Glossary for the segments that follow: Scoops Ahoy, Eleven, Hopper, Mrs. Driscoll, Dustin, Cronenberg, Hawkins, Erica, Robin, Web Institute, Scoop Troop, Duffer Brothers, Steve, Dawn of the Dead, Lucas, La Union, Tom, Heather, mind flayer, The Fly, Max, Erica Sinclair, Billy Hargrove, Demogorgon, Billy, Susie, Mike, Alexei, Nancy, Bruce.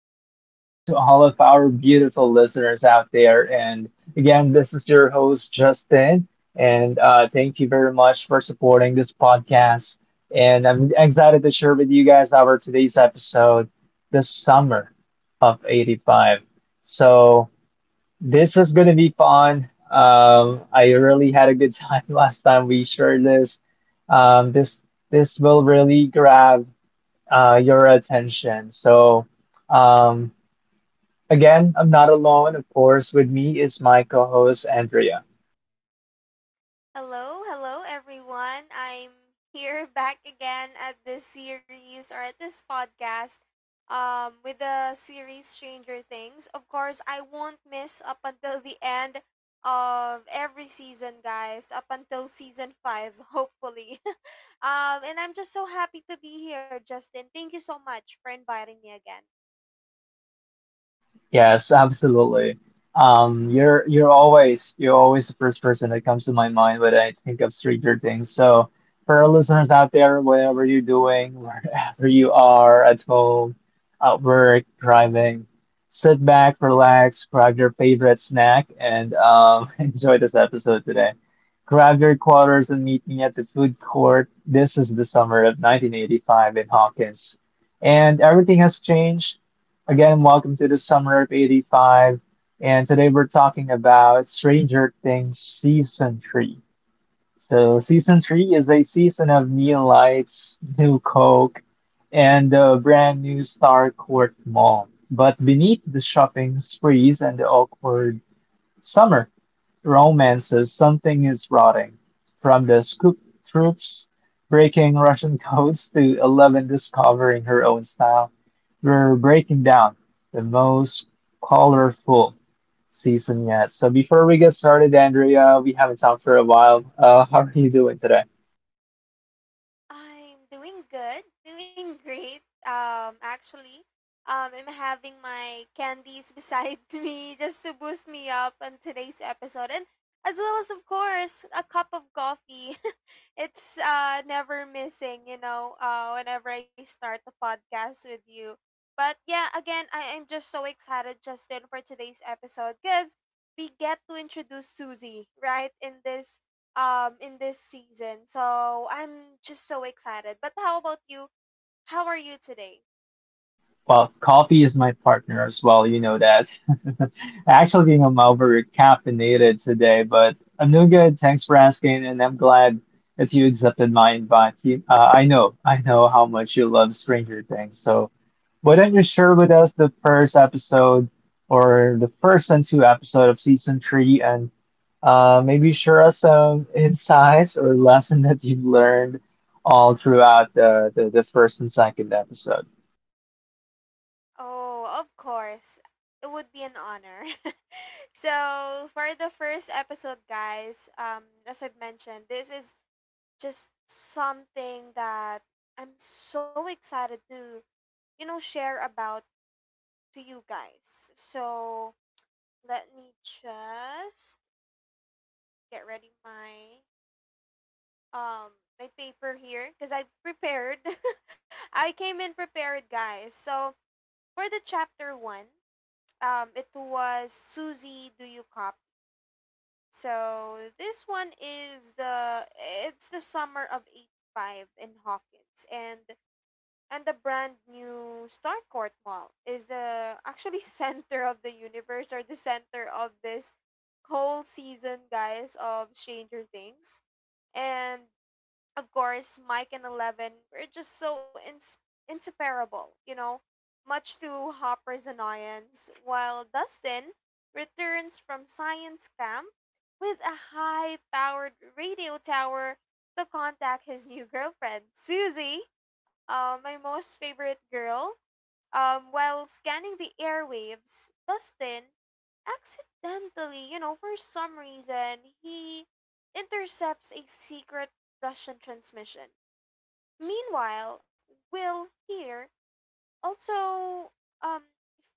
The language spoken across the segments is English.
Welcome to all of our beautiful listeners out there. And again, this is your host, Justin. And thank you very much for supporting this podcast. And I'm excited to share with you guys our today's episode, The Summer of 85. So, this is going to be fun. I really had a good time last time we shared this. Um, this this will really grab your attention. So, um, again, I'm not alone. Of course, with me is my co host, Andrea. Hello, hello everyone. I'm here back again at this series or at this podcast with the series Stranger Things. Of course, I won't miss up until the end of every season, guys, up until season 5, hopefully. And I'm just so happy to be here, Justin. Thank you so much for inviting me again. Yes, absolutely. You're always the first person that comes to my mind when I think of Stranger Things. So for our listeners out there, whatever you're doing, wherever you are, at home, at work, driving, sit back, relax, grab your favorite snack, and enjoy this episode today. Grab your quarters and meet me at the food court. This is the summer of 1985 in Hawkins, and everything has changed. Again, welcome to the summer of 85. And today we're talking about Stranger Things Season 3. So, Season 3 is a season of neon lights, new Coke, and the brand new Star Court Mall. But beneath the shopping sprees and the awkward summer romances, "Something Is Rotting", from the Scoop Troops breaking Russian codes to Eleven discovering her own style, we're breaking down the most colorful season yet. So before we get started, Andrea, we haven't talked for a while. How are you doing today? I'm doing good, doing great. Actually, I'm having my candies beside me just to boost me up on today's episode, and as well as, of course, a cup of coffee. It's never missing, you know. Whenever I start the podcast with you, but yeah, again, I am just so excited, Justin, for today's episode because we get to introduce Susie right in this season. So I'm just so excited. But how about you? How are you today? Well, coffee is my partner as well, you know that. Actually, I'm over caffeinated today, but I'm doing good. Thanks for asking, and I'm glad that you accepted my invite. I know how much you love Stranger Things, so why don't you share with us the first episode or the first and two episode of season three, and maybe share us some insights or lesson that you've learned all throughout the first and second episode. Oh, of course. It would be an honor. So for the first episode, guys, as I've mentioned, this is just something that I'm so excited to, you know, share about to you guys. So let me just get ready um my paper here because I've prepared. I came in prepared, guys. So for the chapter one, it was Susie, do you copy? So this one is the it's the summer of '85 in Hawkins and the brand new Starcourt Mall is the actually center of the universe, or the center of this whole season, guys, of Stranger Things. And of course, Mike and Eleven were just so inseparable, you know, much to Hopper's annoyance, while Dustin returns from science camp with a high powered radio tower to contact his new girlfriend, Susie, my most favorite girl. While scanning the airwaves, Dustin accidentally, you know, for some reason, he intercepts a secret Russian transmission. Meanwhile, Will here also um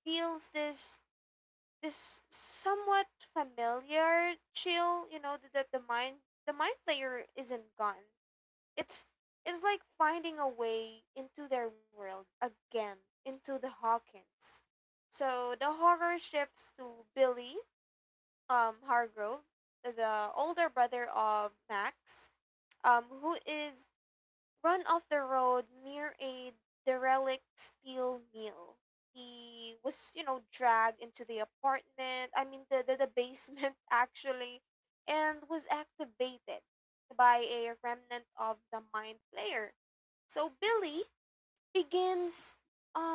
feels this somewhat familiar chill, you know, that the mind player isn't gone. It's it's like finding a way into their world again, into the Hawkins. So the horror shifts to Billy, Hargrove, the older brother of Max, who is run off the road near a derelict steel mill. He was, you know, dragged into the apartment, I mean, the basement, actually, and was activated by a remnant of the mind flayer. So Billy begins, um,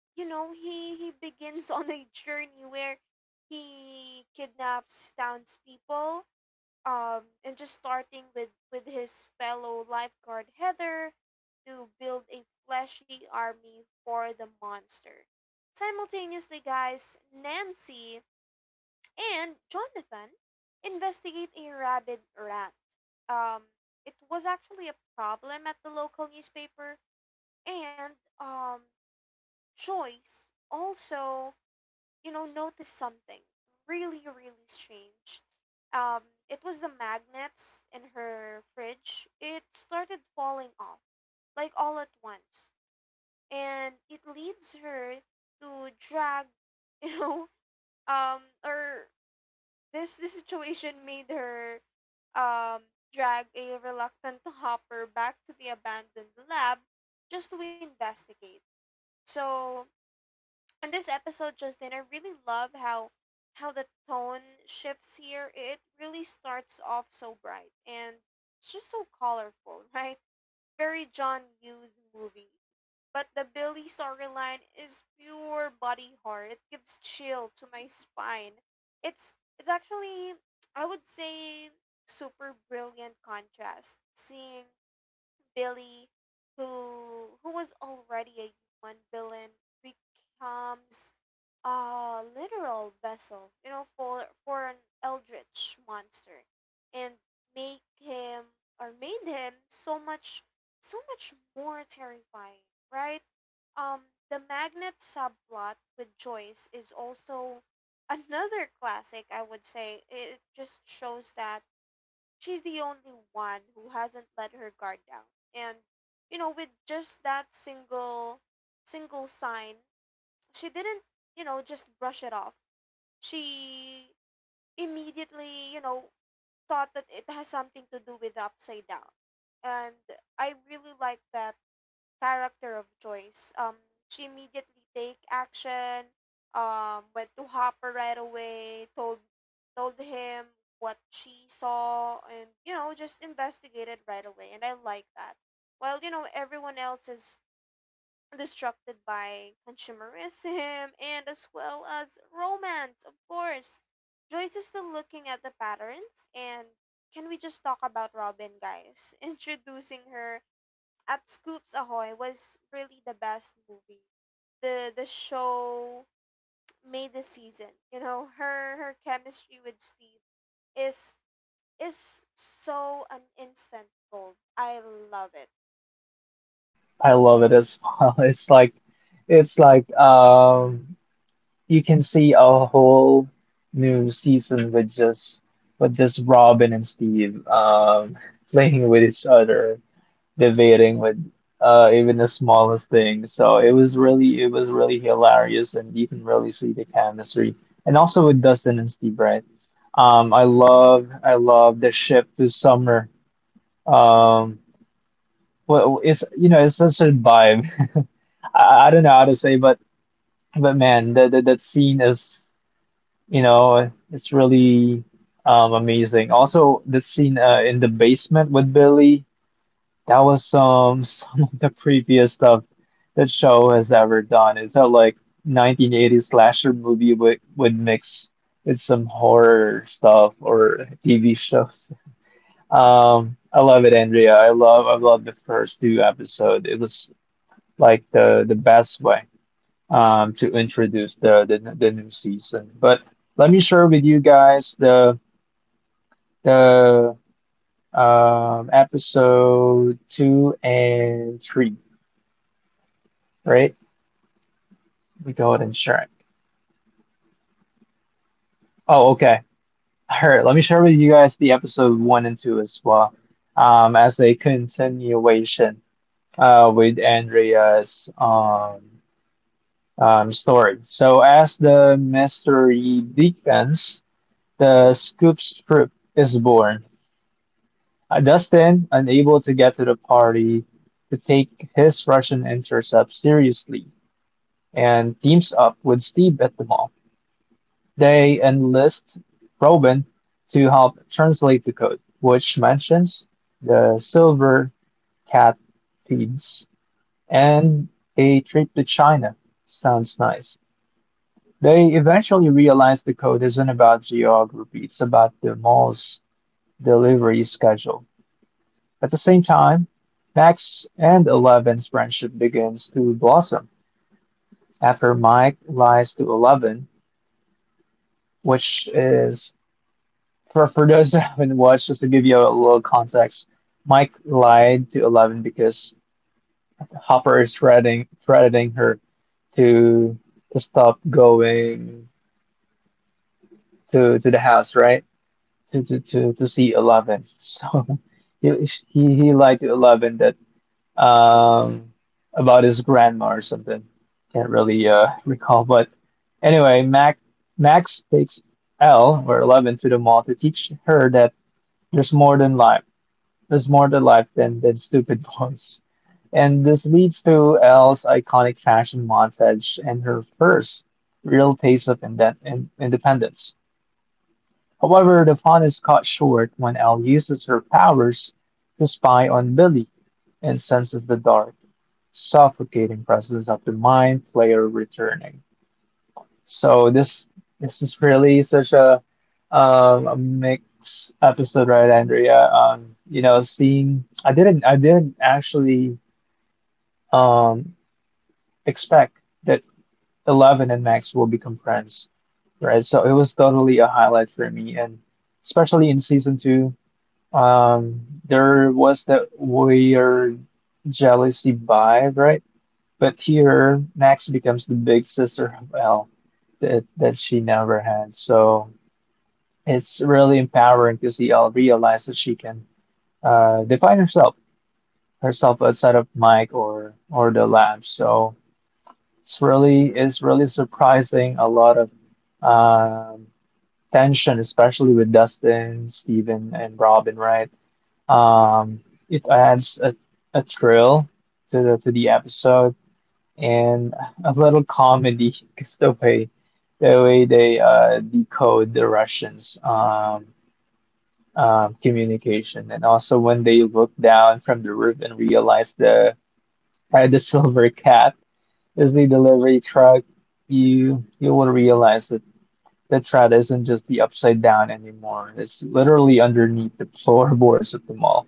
you know, he begins on a journey where he kidnaps townspeople, and just starting with, his fellow lifeguard Heather to build a fleshy army for the monster. Simultaneously, guys, Nancy and Jonathan investigate a rabid rat. Um, it was actually a problem at the local newspaper, and um, Joyce also, you know, noticed something really, really strange. Um, it was the magnets in her fridge. It started falling off, like all at once. And it leads her to drag, you know, or this situation made her um, drag a reluctant Hopper back to the abandoned lab just to investigate. So in this episode, Justin, I really love how the tone shifts here. It really starts off so bright and it's just so colorful, right? Very John Hughes movie. But the Billy storyline is pure body horror. It gives chill to my spine. It's it's actually, I would say, super brilliant contrast seeing Billy, who was already a one villain, becomes a literal vessel, you know, for an eldritch monster, and make him, or made him, so much, more terrifying, right? The magnet subplot with Joyce is also another classic. I would say it just shows that she's the only one who hasn't let her guard down, and you know, with just that single sign, she didn't, you know, just brush it off. She immediately, you know, thought that it has something to do with the upside down. And I really like that character of Joyce. She immediately take action, went to Hopper right away, told him what she saw and you know, just investigated right away, and I like that. While, you know, everyone else is distracted by consumerism and as well as romance, of course. Joyce is still looking at the patterns. And can we just talk about Robin, guys? Introducing her at Scoops Ahoy was really the best movie. The show made the season. You know, her chemistry with Steve is is so an instant gold. I love it. I love it as well. It's like it's like um you can see a whole new season with just Robin and Steve playing with each other, debating with even the smallest thing. So it was really hilarious and you can really see the chemistry. And also with Dustin and Steve, right? I love the ship to summer. Um well, it's you know it's such a vibe. I don't know how to say, but man, that scene is you know it's really amazing. Also, that scene in the basement with Billy, that was some some of the previous stuff that show has ever done. It's not like 1980s slasher movie with mix with some horror stuff or TV shows. I love it, Andrea. I love the first two episode. It was like the best way to introduce the new season. But let me share with you guys the episode two and three, right? We go ahead and share it. Oh, okay. All right, let me share with you guys the episode one and two as well, as a continuation with Andrea's story. So, as the mystery deepens, the scoop troop is born. Dustin, unable to get to the party to take his Russian intercept seriously, and teams up with Steve at the mall. They enlist Robin to help translate the code, which mentions the silver cat feeds and a trip to China. Sounds nice. They eventually realize the code isn't about geography, it's about the mall's delivery schedule. At the same time, Max and Eleven's friendship begins to blossom after Mike lies to Eleven, which is, for those that haven't watched, just to give you a little context, Mike lied to Eleven because Hopper is threatening her to stop going to the house, right? To see Eleven. So he he lied to Eleven that um, about his grandma or something. Can't really recall, but anyway, Mac Max takes L or Eleven to the mall to teach her that there's more than life. There's more to life than stupid boys. And this leads to Elle's iconic fashion montage and her first real taste of independence. However, the fun is cut short when Elle uses her powers to spy on Billy and senses the dark suffocating process of the mind player returning. So this is really such a mixed episode, right, Andrea? Seeing I didn't actually um, expect that Eleven and Max will become friends, right? So it was totally a highlight for me, and especially in season two, there was that weird jealousy vibe, right? But here, Max becomes the big sister of Elle that she never had. So it's really empowering to see Elle realize that she can define herself, outside of Mike or the lab. So it's really surprising a lot of um, tension, especially with Dustin, Steven, and Robin. Right? Um, it adds a thrill to the episode, and a little comedy is the way they decode the Russians' communication, and also when they look down from the roof and realize the silver cat is the delivery truck, you will realize that the truck isn't just the upside down anymore. It's literally underneath the floorboards of the mall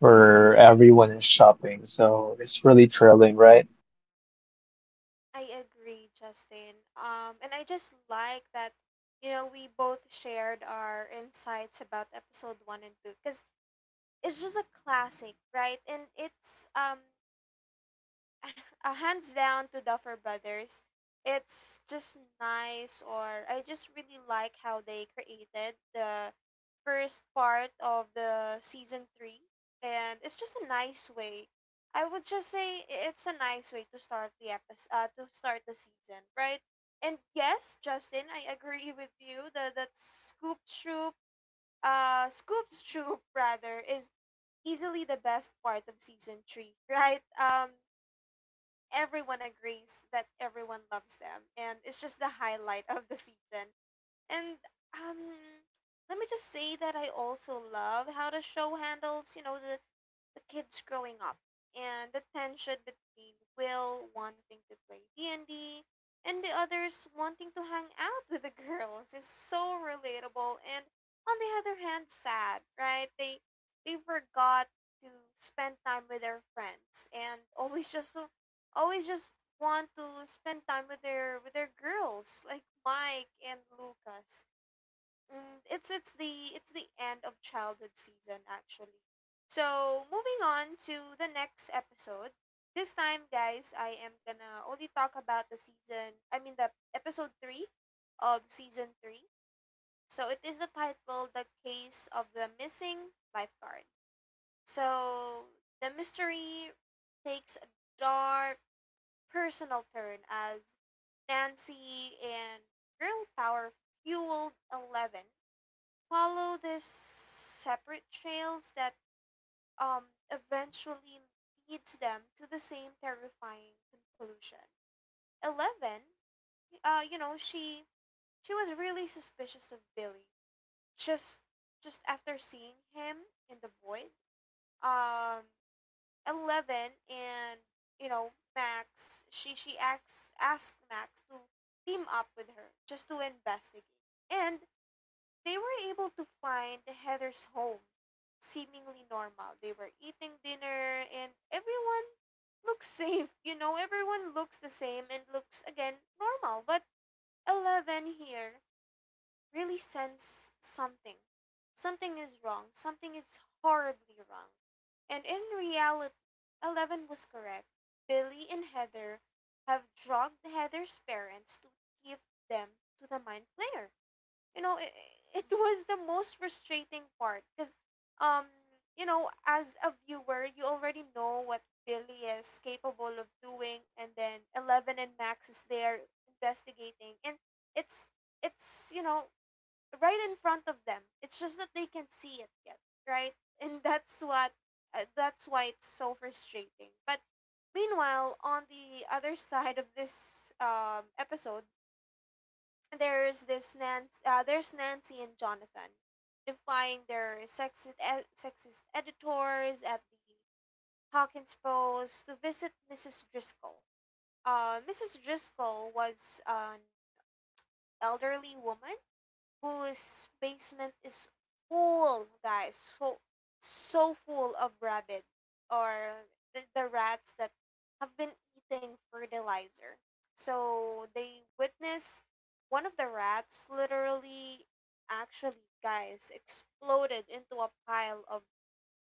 where everyone is shopping. So it's really thrilling, right? I agree, Justin. And I just like that, you know, we both shared our insights about episode one and two because it's just a classic, right? And it's hands down to Duffer Brothers. It's just nice, or I just really like how they created the first part of the season three, and it's just a nice way. I would just say it's a nice way to start the episode, to start the season, right? And yes, Justin, I agree with you. The that Scoop Troop, Scoop's Troop rather, is easily the best part of season three, right? Everyone agrees that everyone loves them and it's just the highlight of the season, and um let me just say that I also love how the show handles, you know, the kids growing up, and the tension between Will wanting to play D&D and D and the others wanting to hang out with the girls is so relatable and on the other hand sad, right? They forgot to spend time with their friends, and always just want to spend time with their, girls, like Mike and Lucas. Mm, it's the end of childhood season, actually. So moving on to the next episode. This time, guys, I am gonna only talk about the season. I mean, the episode three of season three. So it is the title, "The Case of the Missing Lifeguard." So the mystery takes a dark, personal turn as Nancy and Girl Power fueled Eleven follow these separate trails that um eventually leads them to the same terrifying conclusion. Eleven, you know, she was really suspicious of Billy. Just just after seeing him in the void, um, Eleven and you know Max, she asks asked Max to team up with her just to investigate. And they were able to find Heather's home, seemingly normal. They were eating dinner, and everyone looks safe. You know, everyone looks the same and looks again normal. But Eleven here really sense something. Something is wrong. Something is horribly wrong. And in reality, Eleven was correct. Billy and Heather have drugged Heather's parents to give them to the Mind Flayer. You know, it was the most frustrating part because um you know, as a viewer, you already know what Billy is capable of doing, and then Eleven and Max is there investigating, and it's it's, you know, right in front of them. It's just that they can see it yet, right? And that's what that's why it's so frustrating. But meanwhile, on the other side of this, episode, and there's there's Nancy and Jonathan defying their sexist, sexist editors at the Hawkins Post to visit Mrs. Driscoll. Mrs. Driscoll was an elderly woman whose basement is full, guys, so full of rabbit, or the rats that have been eating fertilizer. So they witness one of the rats literally, actually, guys, exploded into a pile of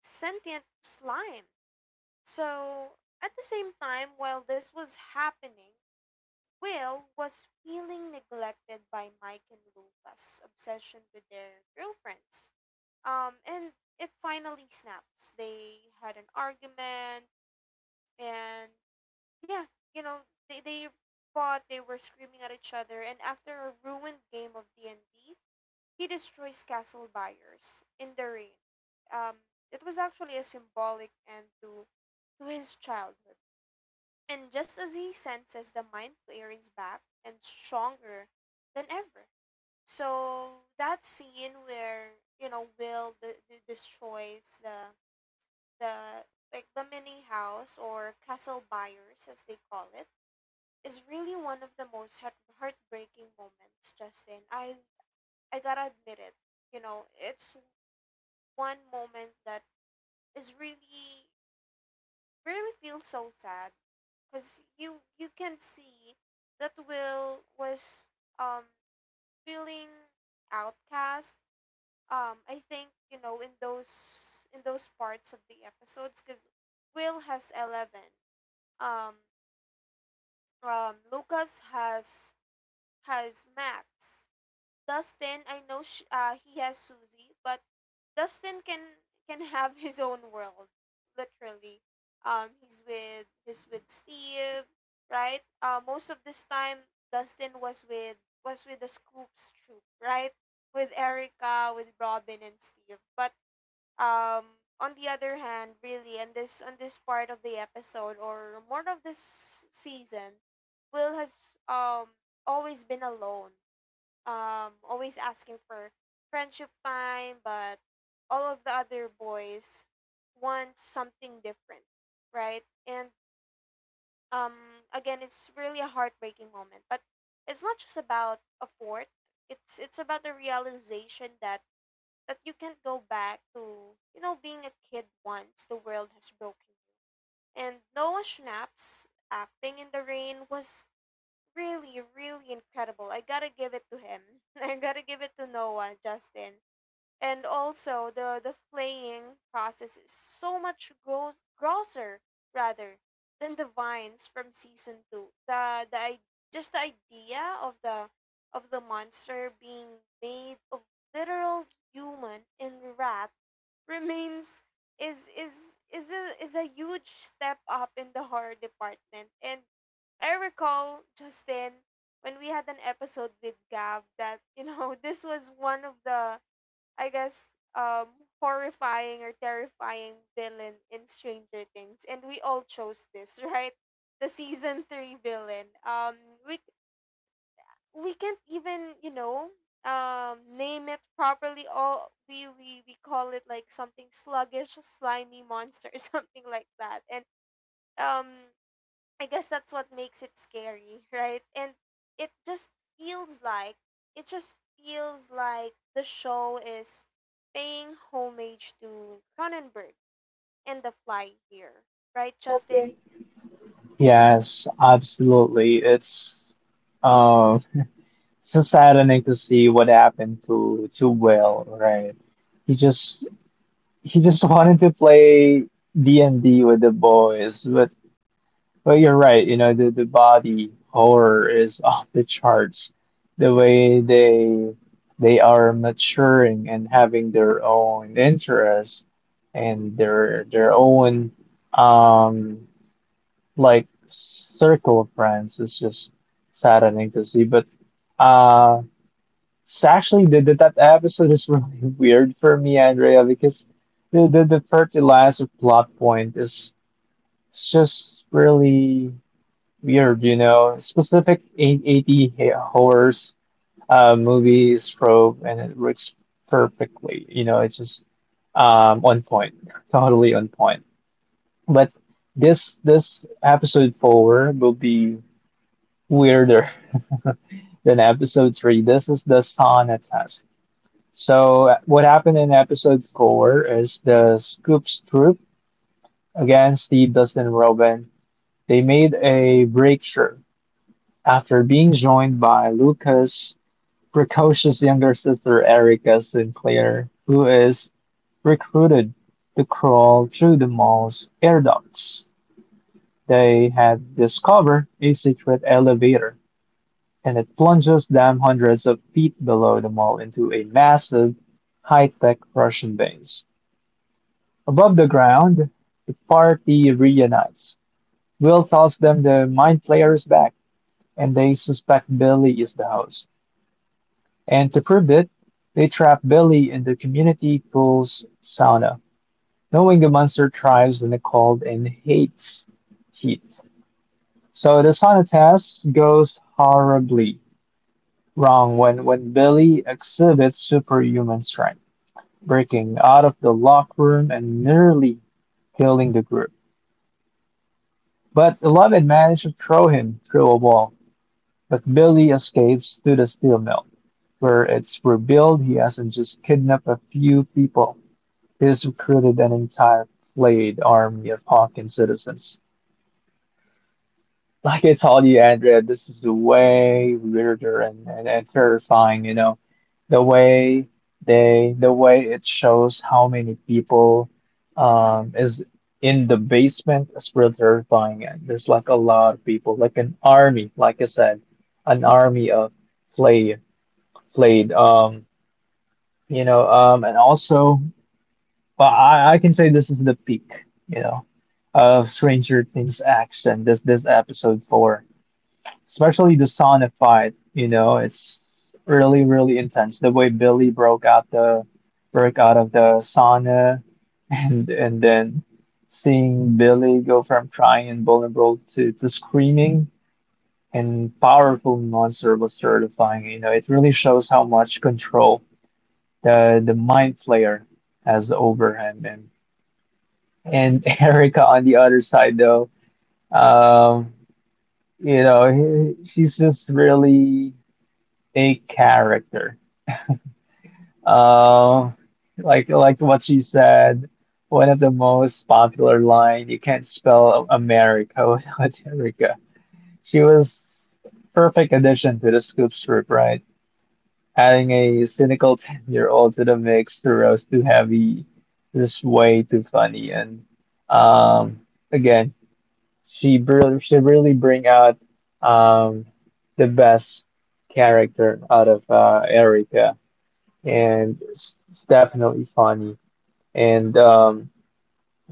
sentient slime. So at the same time, while this was happening, Will was feeling neglected by Mike and Luca's obsession with their girlfriends. And it finally snaps. They had an argument, and yeah, you know, they fought, they were screaming at each other, and after a ruined game of D&D, he destroys Castle Buyers in the rain. Um, it was actually a symbolic end to, his childhood. And just as he senses, the mind flayer is back and stronger than ever. So that scene where, you know, Will the destroys the like the mini house, or Castle Buyers as they call it, is really one of the most heartbreaking moments, Justin. I gotta admit it. You know, it's one moment that is really, feels so sad, because you can see that Will was um feeling outcast. I think you know, in those parts of the episodes, because Will has Eleven. Um, Lucas has Max. Dustin, I know he has Susie, but Dustin can have his own world, literally. He's with Steve, right? Most of this time, Dustin was with, the Scoops troop, right? With Erica, with Robin and Steve. But on the other hand, really, in this on this part of the episode, or more of this season, Will has always been alone, always asking for friendship time, but all of the other boys want something different, right? And again, it's really a heartbreaking moment, but it's not just about a fourth. It's about the realization that you can't go back to, being a kid once the world has broken you. And Noah Schnapp's acting in the rain was really, really incredible. I gotta give it to him. I gotta give it to Noah, Justin. And also, the flaying process is so much gross, grosser rather, than the vines from season 2. Just the idea of the monster being made of literal human and rat remains is a huge step up in the horror department. And I recall, Justin, when we had an episode with Gab, that, this was one of the, I guess, horrifying or terrifying villain in Stranger Things, and we all chose this, right? The season 3 villain. We we can't even, name it properly. All we call it like something sluggish, slimy monster or something like that. And um I guess that's what makes it scary, right? And it just feels like it just feels like the show is paying homage to Cronenberg and The Fly here, right, Justin? Yes, absolutely. Uh, it's so saddening to see what happened to Will, right? He just he just wanted to play D&D with the boys, but you're right, the, body horror is off the charts. The way they are maturing and having their own interests and their own um like circle of friends is just saddening to see. But uh, it's actually that episode is really weird for me, Andrea, because the fertilizer plot point is it's just really weird. Specific eight eighty horrors movies trope, and it works perfectly. You know, it's just on point, totally on point. But this episode four will be weirder than episode three. This is the sauna test. So what happened in episode four is the Scoops troop against the Dustin Robin. They made a breakthrough after being joined by Lucas' precocious younger sister Erica Sinclair, who is recruited to crawl through the mall's air ducts. They had discovered a secret elevator, and it plunges them hundreds of feet below the mall into a massive, high tech Russian base. Above the ground, the party reunites. Will tells them the mind flayer is back, and they suspect Billy is the host. And to prove it, they trap Billy in the community pool's sauna, knowing the monster thrives in the cold and hates heat. So the sauna test goes horribly wrong when, Billy exhibits superhuman strength, breaking out of the locker room and nearly killing the group. But Eleven managed to throw him through a wall, but Billy escapes to the steel mill, where it's revealed he hasn't just kidnapped a few people, he's recruited an entire flayed army of Hawkins citizens. Like I told you, Andrea, this is way weirder and terrifying. The way it shows how many people is in the basement is really terrifying. And there's like a lot of people, like an army, like I said, an army of flayed flayed. And also, but I can say this is the peak, you know, of Stranger Things action, this episode four, especially the Sonic fight, it's really, really intense. The way Billy broke out of the sauna and then seeing Billy go from crying and vulnerable to, screaming and powerful monster was terrifying. It really shows how much control the mind flayer has over him. And Erica on the other side though, um, she's just really a character. Um, like what she said, one of the most popular line, you can't spell America without Erica. She was perfect addition to the scoop strip, right? Adding a cynical 10-year-old to the mix to roast too heavy is way too funny. And um, again, she really bring out um, the best character out of Erica, and it's definitely funny. And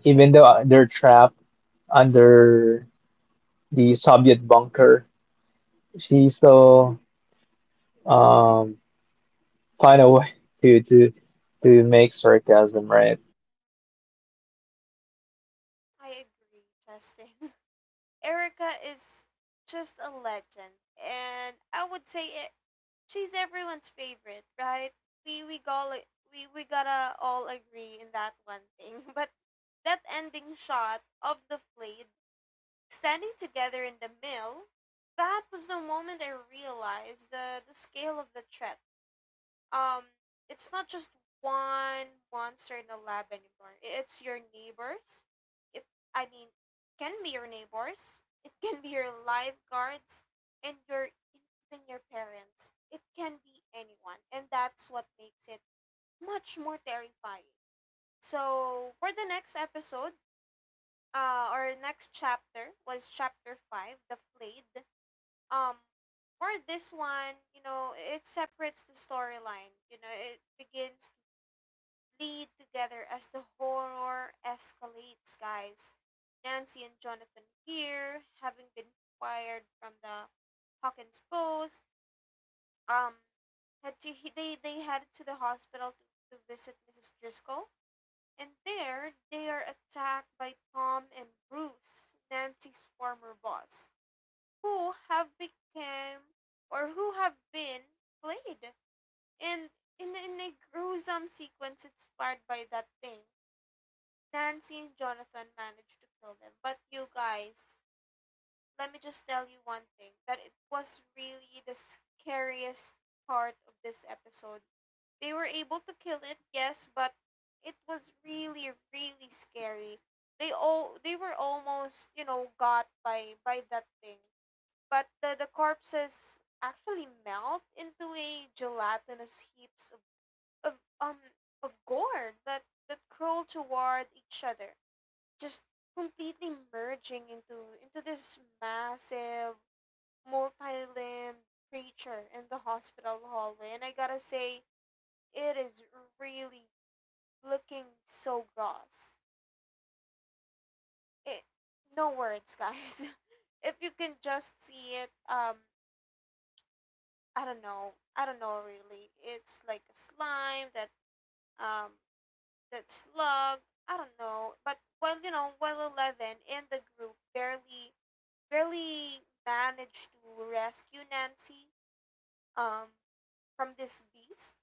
even though they're trapped under the Soviet bunker, she still um, find a way to make sarcasm, right? I agree, Justin. Erica is just a legend, and I would say it, she's everyone's favorite, right? We we all we gotta all agree in that one thing, but that ending shot of the play standing together in the mill, that was the moment I realized the scale of the threat. Um, it's not just one monster in the lab anymore. It's your neighbors. It, I mean, can be your neighbors. It can be your lifeguards and your even your parents. It can be anyone, and that's what makes it much more terrifying. So for the next episode, our next chapter was chapter five, The Flayed. Um, for this one, you know, it separates the storyline. You know, it begins to bleed together as the horror escalates, guys. Nancy and Jonathan here, having been fired from the Hawkins Post, um, had to he, they headed to the hospital to visit Mrs. Driscoll, and there, they are attacked by Tom and Bruce, Nancy's former boss, who have become, or who have been, played. And in a gruesome sequence inspired by that thing, Nancy and Jonathan managed to kill them. But you guys, let me just tell you one thing, that it was really the scariest part of this episode. They were able to kill it, yes, but it was really, really scary. They all they were almost, you know, got by that thing. But the corpses actually melt into a gelatinous heaps of um of gore that, that crawl toward each other, just completely merging into this massive, multi-limbed creature in the hospital hallway. And I gotta say, it is really looking so gross. It, no words, guys. If you can just see it, I don't know. I don't know really. It's like a slime that um that slug. I don't know. But well, you know, well, eleven in the group barely managed to rescue Nancy um from this beast.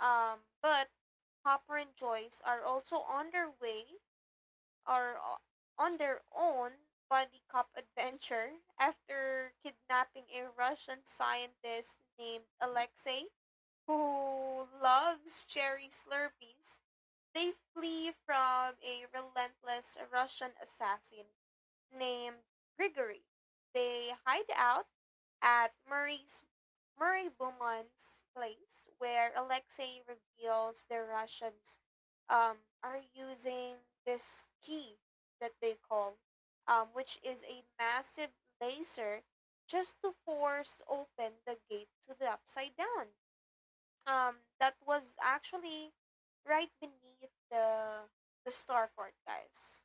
But Hopper and Joyce are also on their way, are o- on their own body cop adventure, after kidnapping a Russian scientist named Alexei, who loves cherry slurpees. They flee from a relentless Russian assassin named Grigory. They hide out at Murray Bowman's place, where Alexei reveals the Russians, are using this key that they call, which is a massive laser, just to force open the gate to the upside down. That was actually right beneath the starport, guys.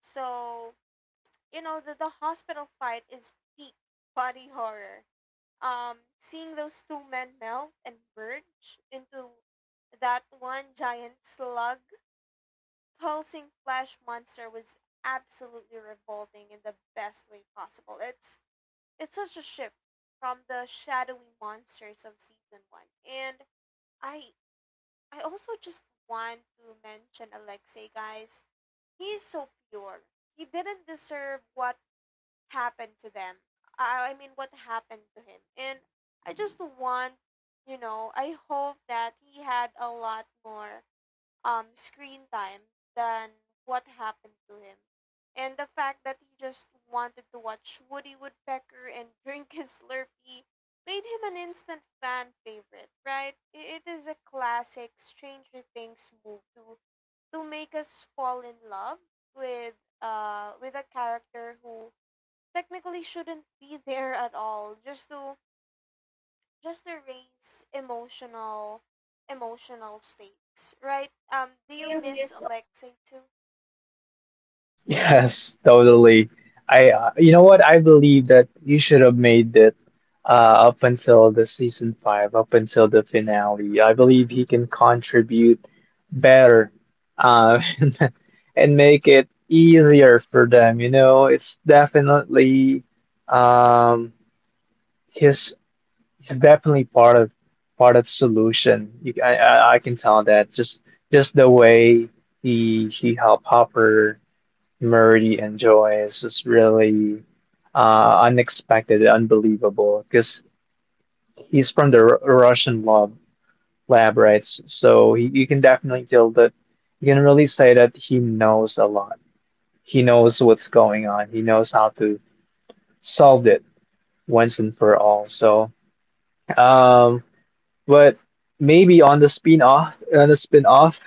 So you know, the hospital fight is peak body horror. Seeing those two men melt and merge into that one giant slug, pulsing flesh monster, was absolutely revolting in the best way possible. It's such a shift from the shadowy monsters of season one. And I I also just want to mention Alexei, guys. He's so pure. He didn't deserve what happened to them. I mean, what happened to him. And I just want, you know, I hope that he had a lot more screen time than what happened to him. And the fact that he just wanted to watch Woody Woodpecker and drink his Slurpee made him an instant fan favorite, right? It is a classic Stranger Things move to make us fall in love with with a character who technically shouldn't be there at all, just to raise emotional stakes, right? Do you miss Alexei too? Yes, totally. You know what? I believe that you should have made it uh, up until the season 5, up until the finale. I believe he can contribute better, uh, and make it easier for them. You know, it's definitely um, his. He's definitely part of solution. You, I can tell that just the way he helped Hopper Murray enjoys is really unexpected, unbelievable, because he's from the R Russian lab, right? So you can definitely tell that you can really say that he knows a lot. He knows what's going on. He knows how to solve it once and for all. So, um, but maybe on the spin off,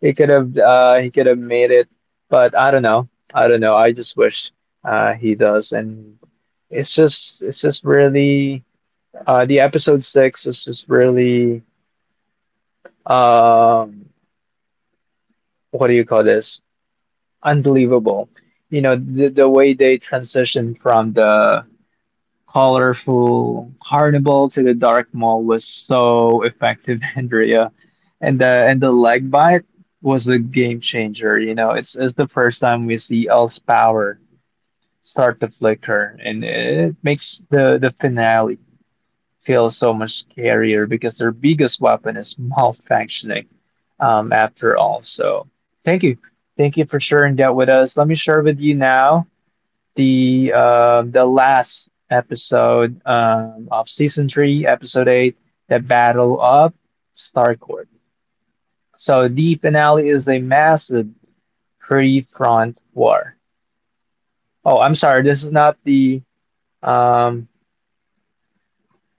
He could have made it, but I don't know. I don't know. I just wish he does, and it's just really the episode 6 is just really um what do you call this? Unbelievable. You know, the way they transition from the colorful carnival to the dark mall was so effective, Andrea. And the leg bite was a game changer. You know, it's the first time we see Elle's power start to flicker, and it makes the finale feel so much scarier because their biggest weapon is malfunctioning. After all, so thank you, thank you for sharing that with us. Let me share with you now the last episode of season 3, episode 8, the Battle of Starcourt. So the finale is a massive three-front war. Oh, I'm sorry, this is not the um,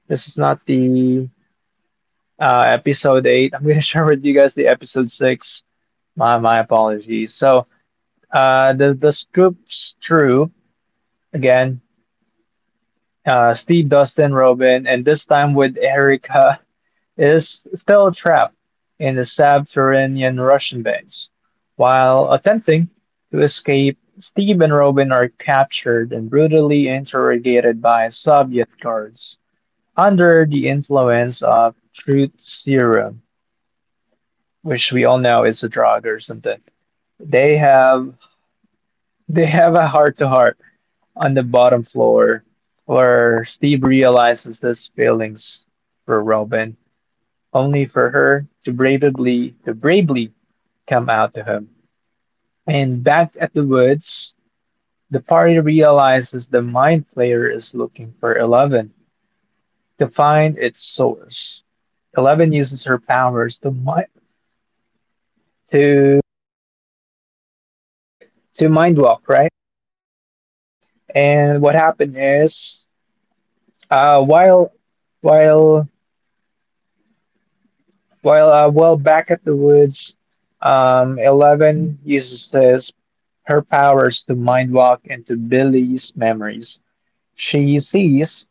this is not the episode 8. I'm gonna share with you guys the episode 6. My apologies. So the Scoops crew again. Steve, Dustin, Robin, and this time with Erica is still trapped in the Subterranean Russian base. While attempting to escape, Steve and Robin are captured and brutally interrogated by Soviet guards under the influence of truth serum, which we all know is a drug or something. They have they have a heart to heart on the bottom floor, where Steve realizes his feelings for Robin, only for her to bravely come out to him. And back at the woods, the party realizes the mind flayer is looking for Eleven to find its source. Eleven uses her powers to mi- to to mind walk, right? And what happened is, uh, while while while back at the woods, Eleven uses his her powers to mind walk into Billy's memories. She sees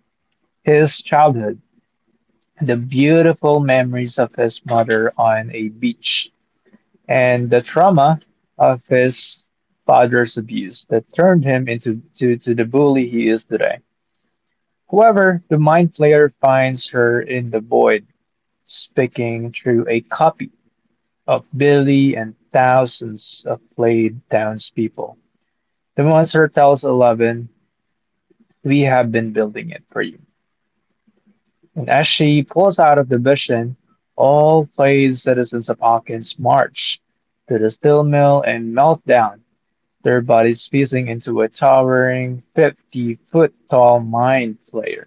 his childhood, the beautiful memories of his mother on a beach, and the trauma of his father's abuse that turned him into to the bully he is today. However, the mind flayer finds her in the void, speaking through a copy of Billy and thousands of played townspeople. The monster tells Eleven, we have been building it for you. And as she pulls out of the vision, all flayed citizens of Hawkins march to the steel mill and melt down, their bodies fusing into a towering 50-foot tall mind flayer.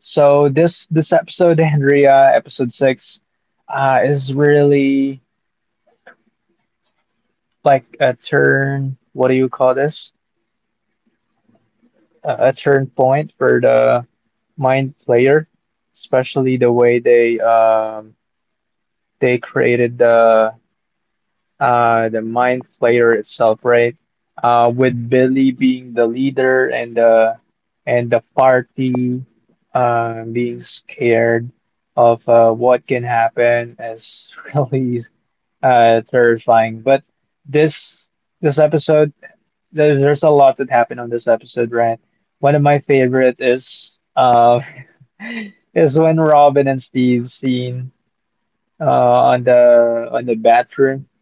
So, this episode, Andrea, episode 6, is really like a turn. What do you call this? A turn point for the mind flayer, especially the way they created the mind flayer itself, right? With Billy being the leader and the party being scared of what can happen is really terrifying. But this this episode, there's a lot that happened on this episode, right? One of my favorite is is when Robin and Steve seen uh, on the bathroom.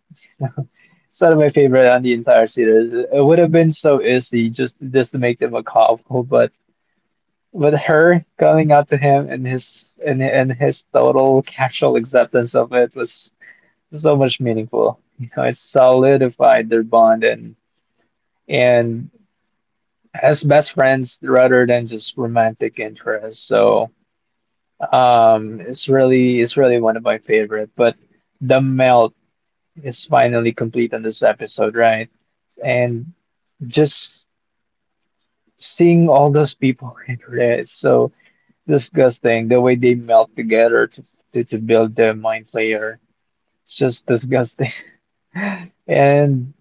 It's not my favorite on the entire series. It would have been so easy just to make them a couple, but with her coming out to him and his total casual acceptance of it was so much meaningful. You know, it solidified their bond and as best friends rather than just romantic interests. So it's really one of my favorite. But the melt is finally complete on this episode, right? And just seeing all those people, internet is so disgusting. The way they melt together to build the mind flayer, it's just disgusting. And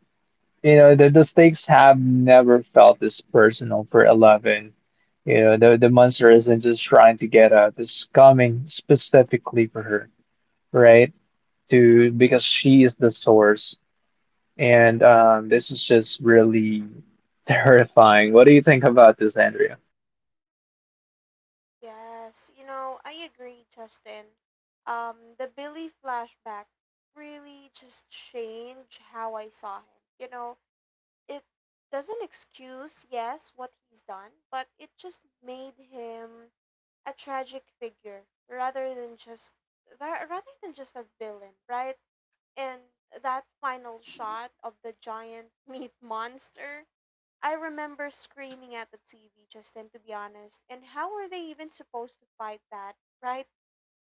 you know, the stakes have never felt this personal for Eleven. You know the monster isn't just trying to get out; it's coming specifically for her, right? To because she is the source, and this is just really terrifying. What do you think about this, Andrea? Yes, you know, I agree, Justin. The Billy flashback really just changed how I saw him, you know. It doesn't excuse, yes, what he's done, but it just made him a tragic figure rather than just a villain, right? And that final shot of the giant meat monster, I remember screaming at the TV just then, to be honest. And how were they even supposed to fight that, right?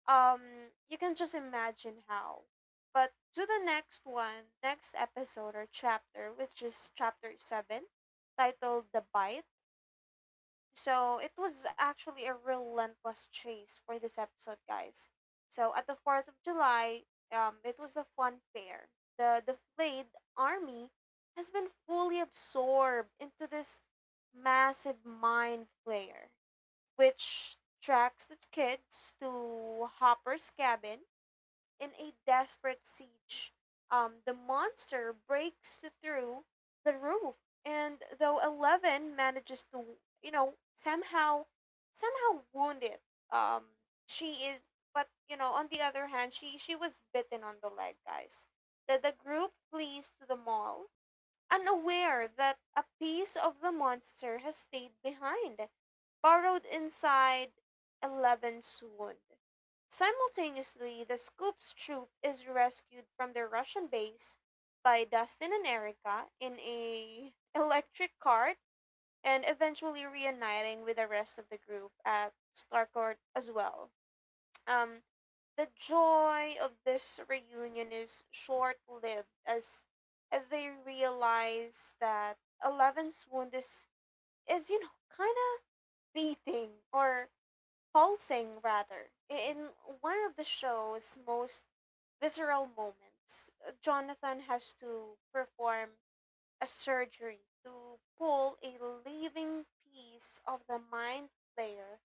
You can just imagine how. But to the next one, next episode or chapter, which is chapter 7, titled The Bite. So it was actually a relentless chase for this episode, guys. So at the Fourth of July, it was the fun fair. The army has been fully absorbed into this massive mind flayer, which tracks the kids to Hopper's cabin. In a desperate siege, the monster breaks through the roof, and though Eleven manages to, you know, somehow, somehow wound it. Um, she is, but you know, on the other hand, she was bitten on the leg, guys. The group flees to the mall, unaware that a piece of the monster has stayed behind, burrowed inside Eleven's wound. Simultaneously, the Scoops troop is rescued from their Russian base by Dustin and Erica in a electric cart, and eventually reuniting with the rest of the group at Starcourt as well. Um, the joy of this reunion is short-lived, as they realize that Eleven's wound is you know, kind of beating, or pulsing rather. In one of the show's most visceral moments, Jonathan has to perform a surgery to pull a living piece of the mind flayer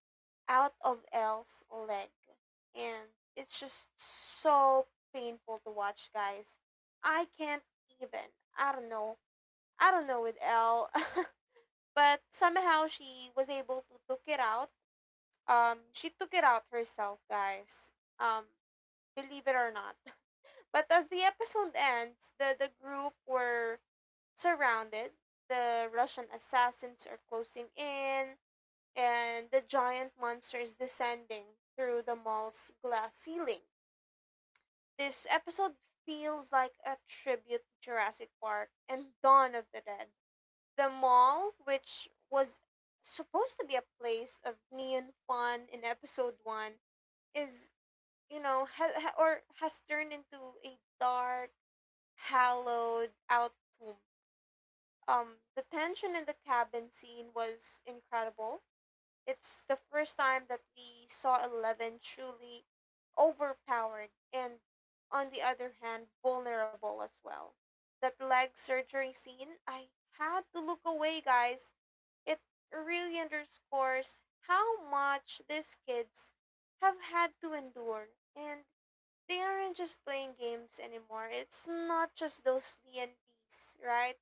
out of Elle's leg. And it's just so painful to watch, guys. I can't even. I don't know. I don't know with Elle. But somehow she was able to took it out. She took it out herself, guys. Um, believe it or not. But as the episode ends, the group were surrounded. The Russian assassins are closing in, and the giant monster is descending through the mall's glass ceiling. This episode feels like a tribute to Jurassic Park and Dawn of the Dead. The mall, which was supposed to be a place of neon fun in episode 1, is, you know, ha- ha- or has turned into a dark, hallowed out tube. The tension in the cabin scene was incredible. It's the first time that we saw Eleven truly overpowered and, on the other hand, vulnerable as well. That leg surgery scene, I had to look away, guys. It really underscores how much these kids have had to endure, and they aren't just playing games anymore. It's not just those D and Ds, right?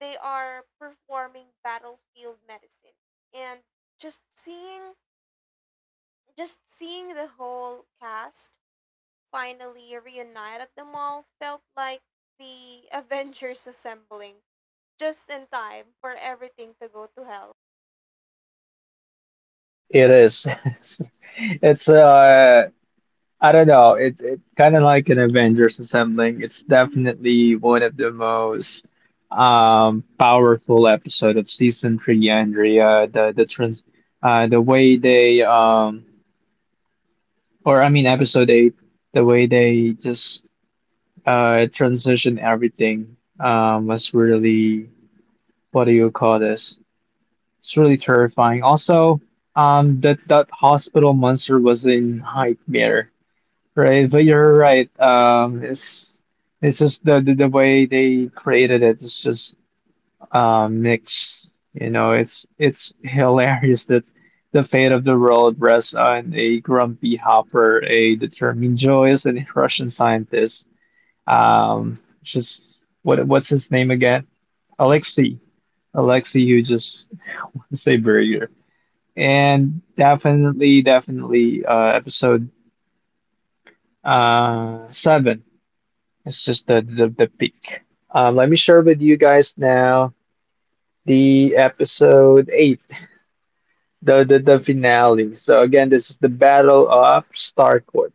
They are performing battlefield medicine. And just seeing just seeing the whole cast finally reunite at the mall felt like the Avengers assembling, just in time for everything to go to hell. It is. It's I don't know. It kind of like an Avengers assembling. It's definitely one of the most powerful episode of season 3, Andrea. The way they or I mean episode 8, the way they just transition everything was really what do you call this? It's really terrifying. Also, that hospital monster was a nightmare. Right, but you're right. It's just the way they created it. It's just mixed. You know, it's hilarious that the fate of the world rests on a grumpy hopper, a determined joyous, and a Russian scientist. Um, just what's his name again? Alexei. Alexei, who just wants a burger. And definitely, definitely, episode seven, it's just the peak. Let me share with you guys now the episode 8, the finale. So again, this is the Battle of Starcourt.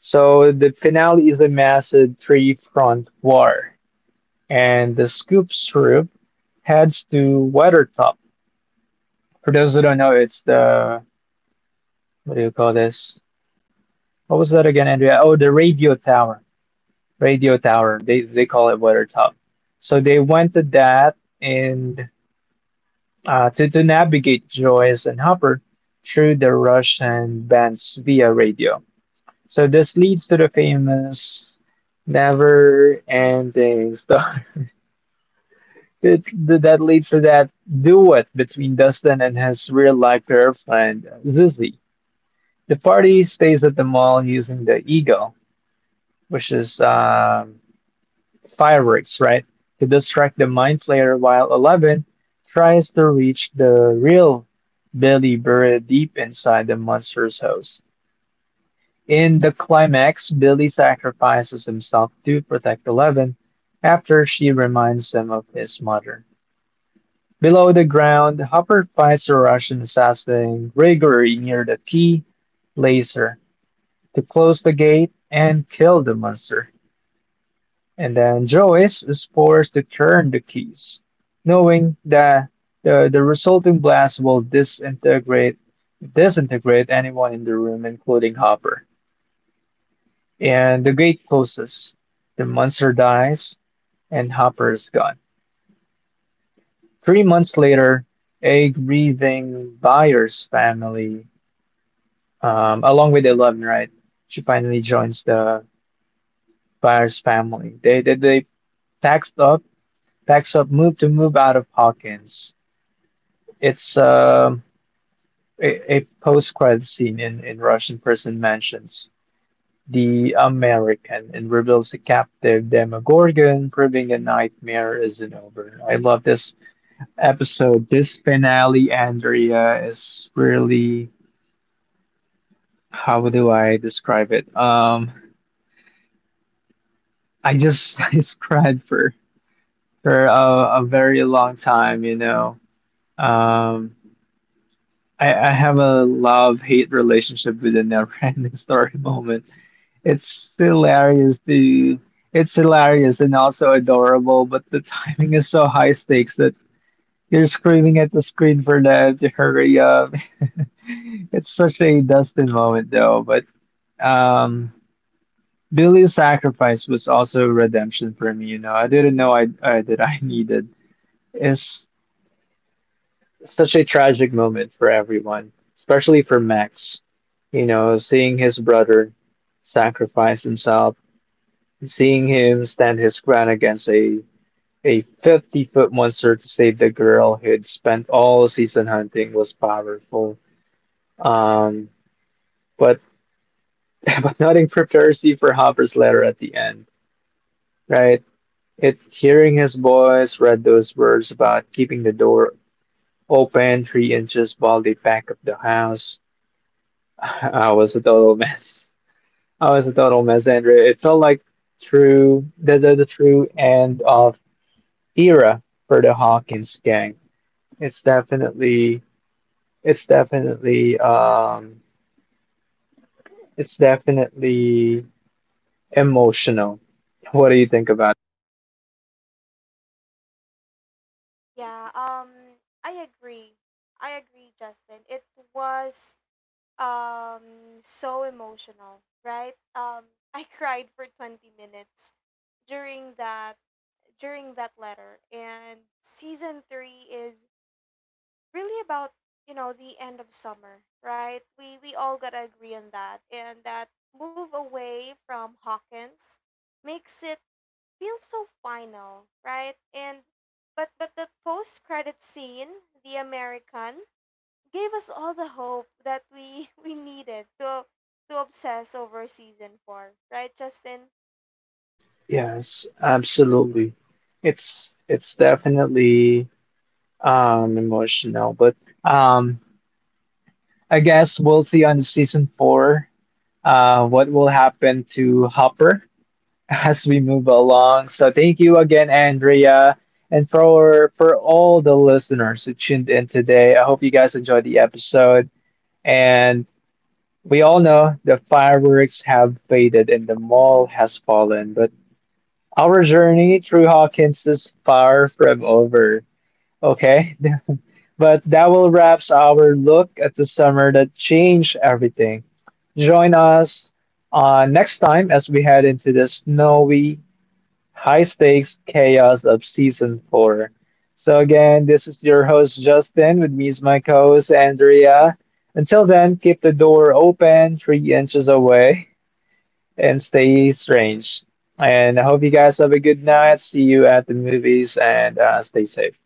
So the finale is a massive three-front war, and the Scoops troop heads to Weathertop. For those who don't know, it's the what do you call this? What was that again, Andrea? Oh, the radio tower. Radio tower. They call it Weathertop. So they went to that, and to navigate Joyce and Hopper through the Russian bands via radio. So this leads to the famous never ending story. It, that leads to that duet between Dustin and his real life girlfriend, Zuzi. The party stays at the mall using the Eagle, which is fireworks, right? To distract the Mind Flayer while Eleven tries to reach the real Billy buried deep inside the monster's house. In the climax, Billy sacrifices himself to protect Eleven after she reminds him of his mother. Below the ground, Hopper fights a Russian assassin Gregory near the key laser to close the gate and kill the monster. And then Zois is forced to turn the keys, knowing that the resulting blast will disintegrate anyone in the room, including Hopper. And the gate closes. The monster dies, and Hopper is gone. 3 months later, a grieving buyer's family, along with Eleven, right? She finally joins the buyer's family. They packs up, packs up, move out of Hawkins. It's a post-credit scene in Russian prison mansions the American and reveals a captive Demogorgon, proving the nightmare isn't over. I love this episode. This finale, Andrea, is really how do I describe it? I just I cried for a very long time, you know. Um, I have a love hate relationship with the never ending story moment. It's hilarious and also adorable, but the timing is so high stakes that you're screaming at the screen for them to hurry up. It's such a Dustin moment though, but um Billy's sacrifice was also redemption for me, you know. I didn't know I that I needed. His such a tragic moment for everyone, especially for Max. You know, seeing his brother sacrifice himself, seeing him stand his ground against a 50-foot monster to save the girl he'd spent all season hunting was powerful. Um, but, but nothing prepares you for Hopper's letter at the end, right? It Hearing his voice read those words about keeping the door open 3 inches while they pack up the house. I was a total mess. I was a total mess, Andrew. It felt like the true end of era for the Hawkins gang. It's definitely it's definitely um it's definitely emotional. What do you think about Yeah, I agree. I agree, Justin. It was, so emotional, right? I cried for 20 minutes during that letter. And season 3 is really about, you know, the end of summer, right? We all got to agree on that. And that move away from Hawkins makes it feel so final, right? And but the post credit scene, the American, gave us all the hope that we we needed to obsess over season four, right, Justin? it? Yes, absolutely. It's definitely emotional, but um I guess we'll see on season 4 what will happen to Hopper as we move along. So thank you again, Andrea, and for all the listeners who tuned in today. I hope you guys enjoyed the episode. And we all know the fireworks have faded and the mall has fallen, but our journey through Hawkins is far from over. Okay, but that will wraps our look at the summer that changed everything. Join us next time as we head into the snowy High Stakes Chaos of Season 4. So, again, this is your host, Justin. With me is my co host, Andrea. Until then, keep the door open 3 inches away and stay strange. And I hope you guys have a good night. See you at the movies and stay safe.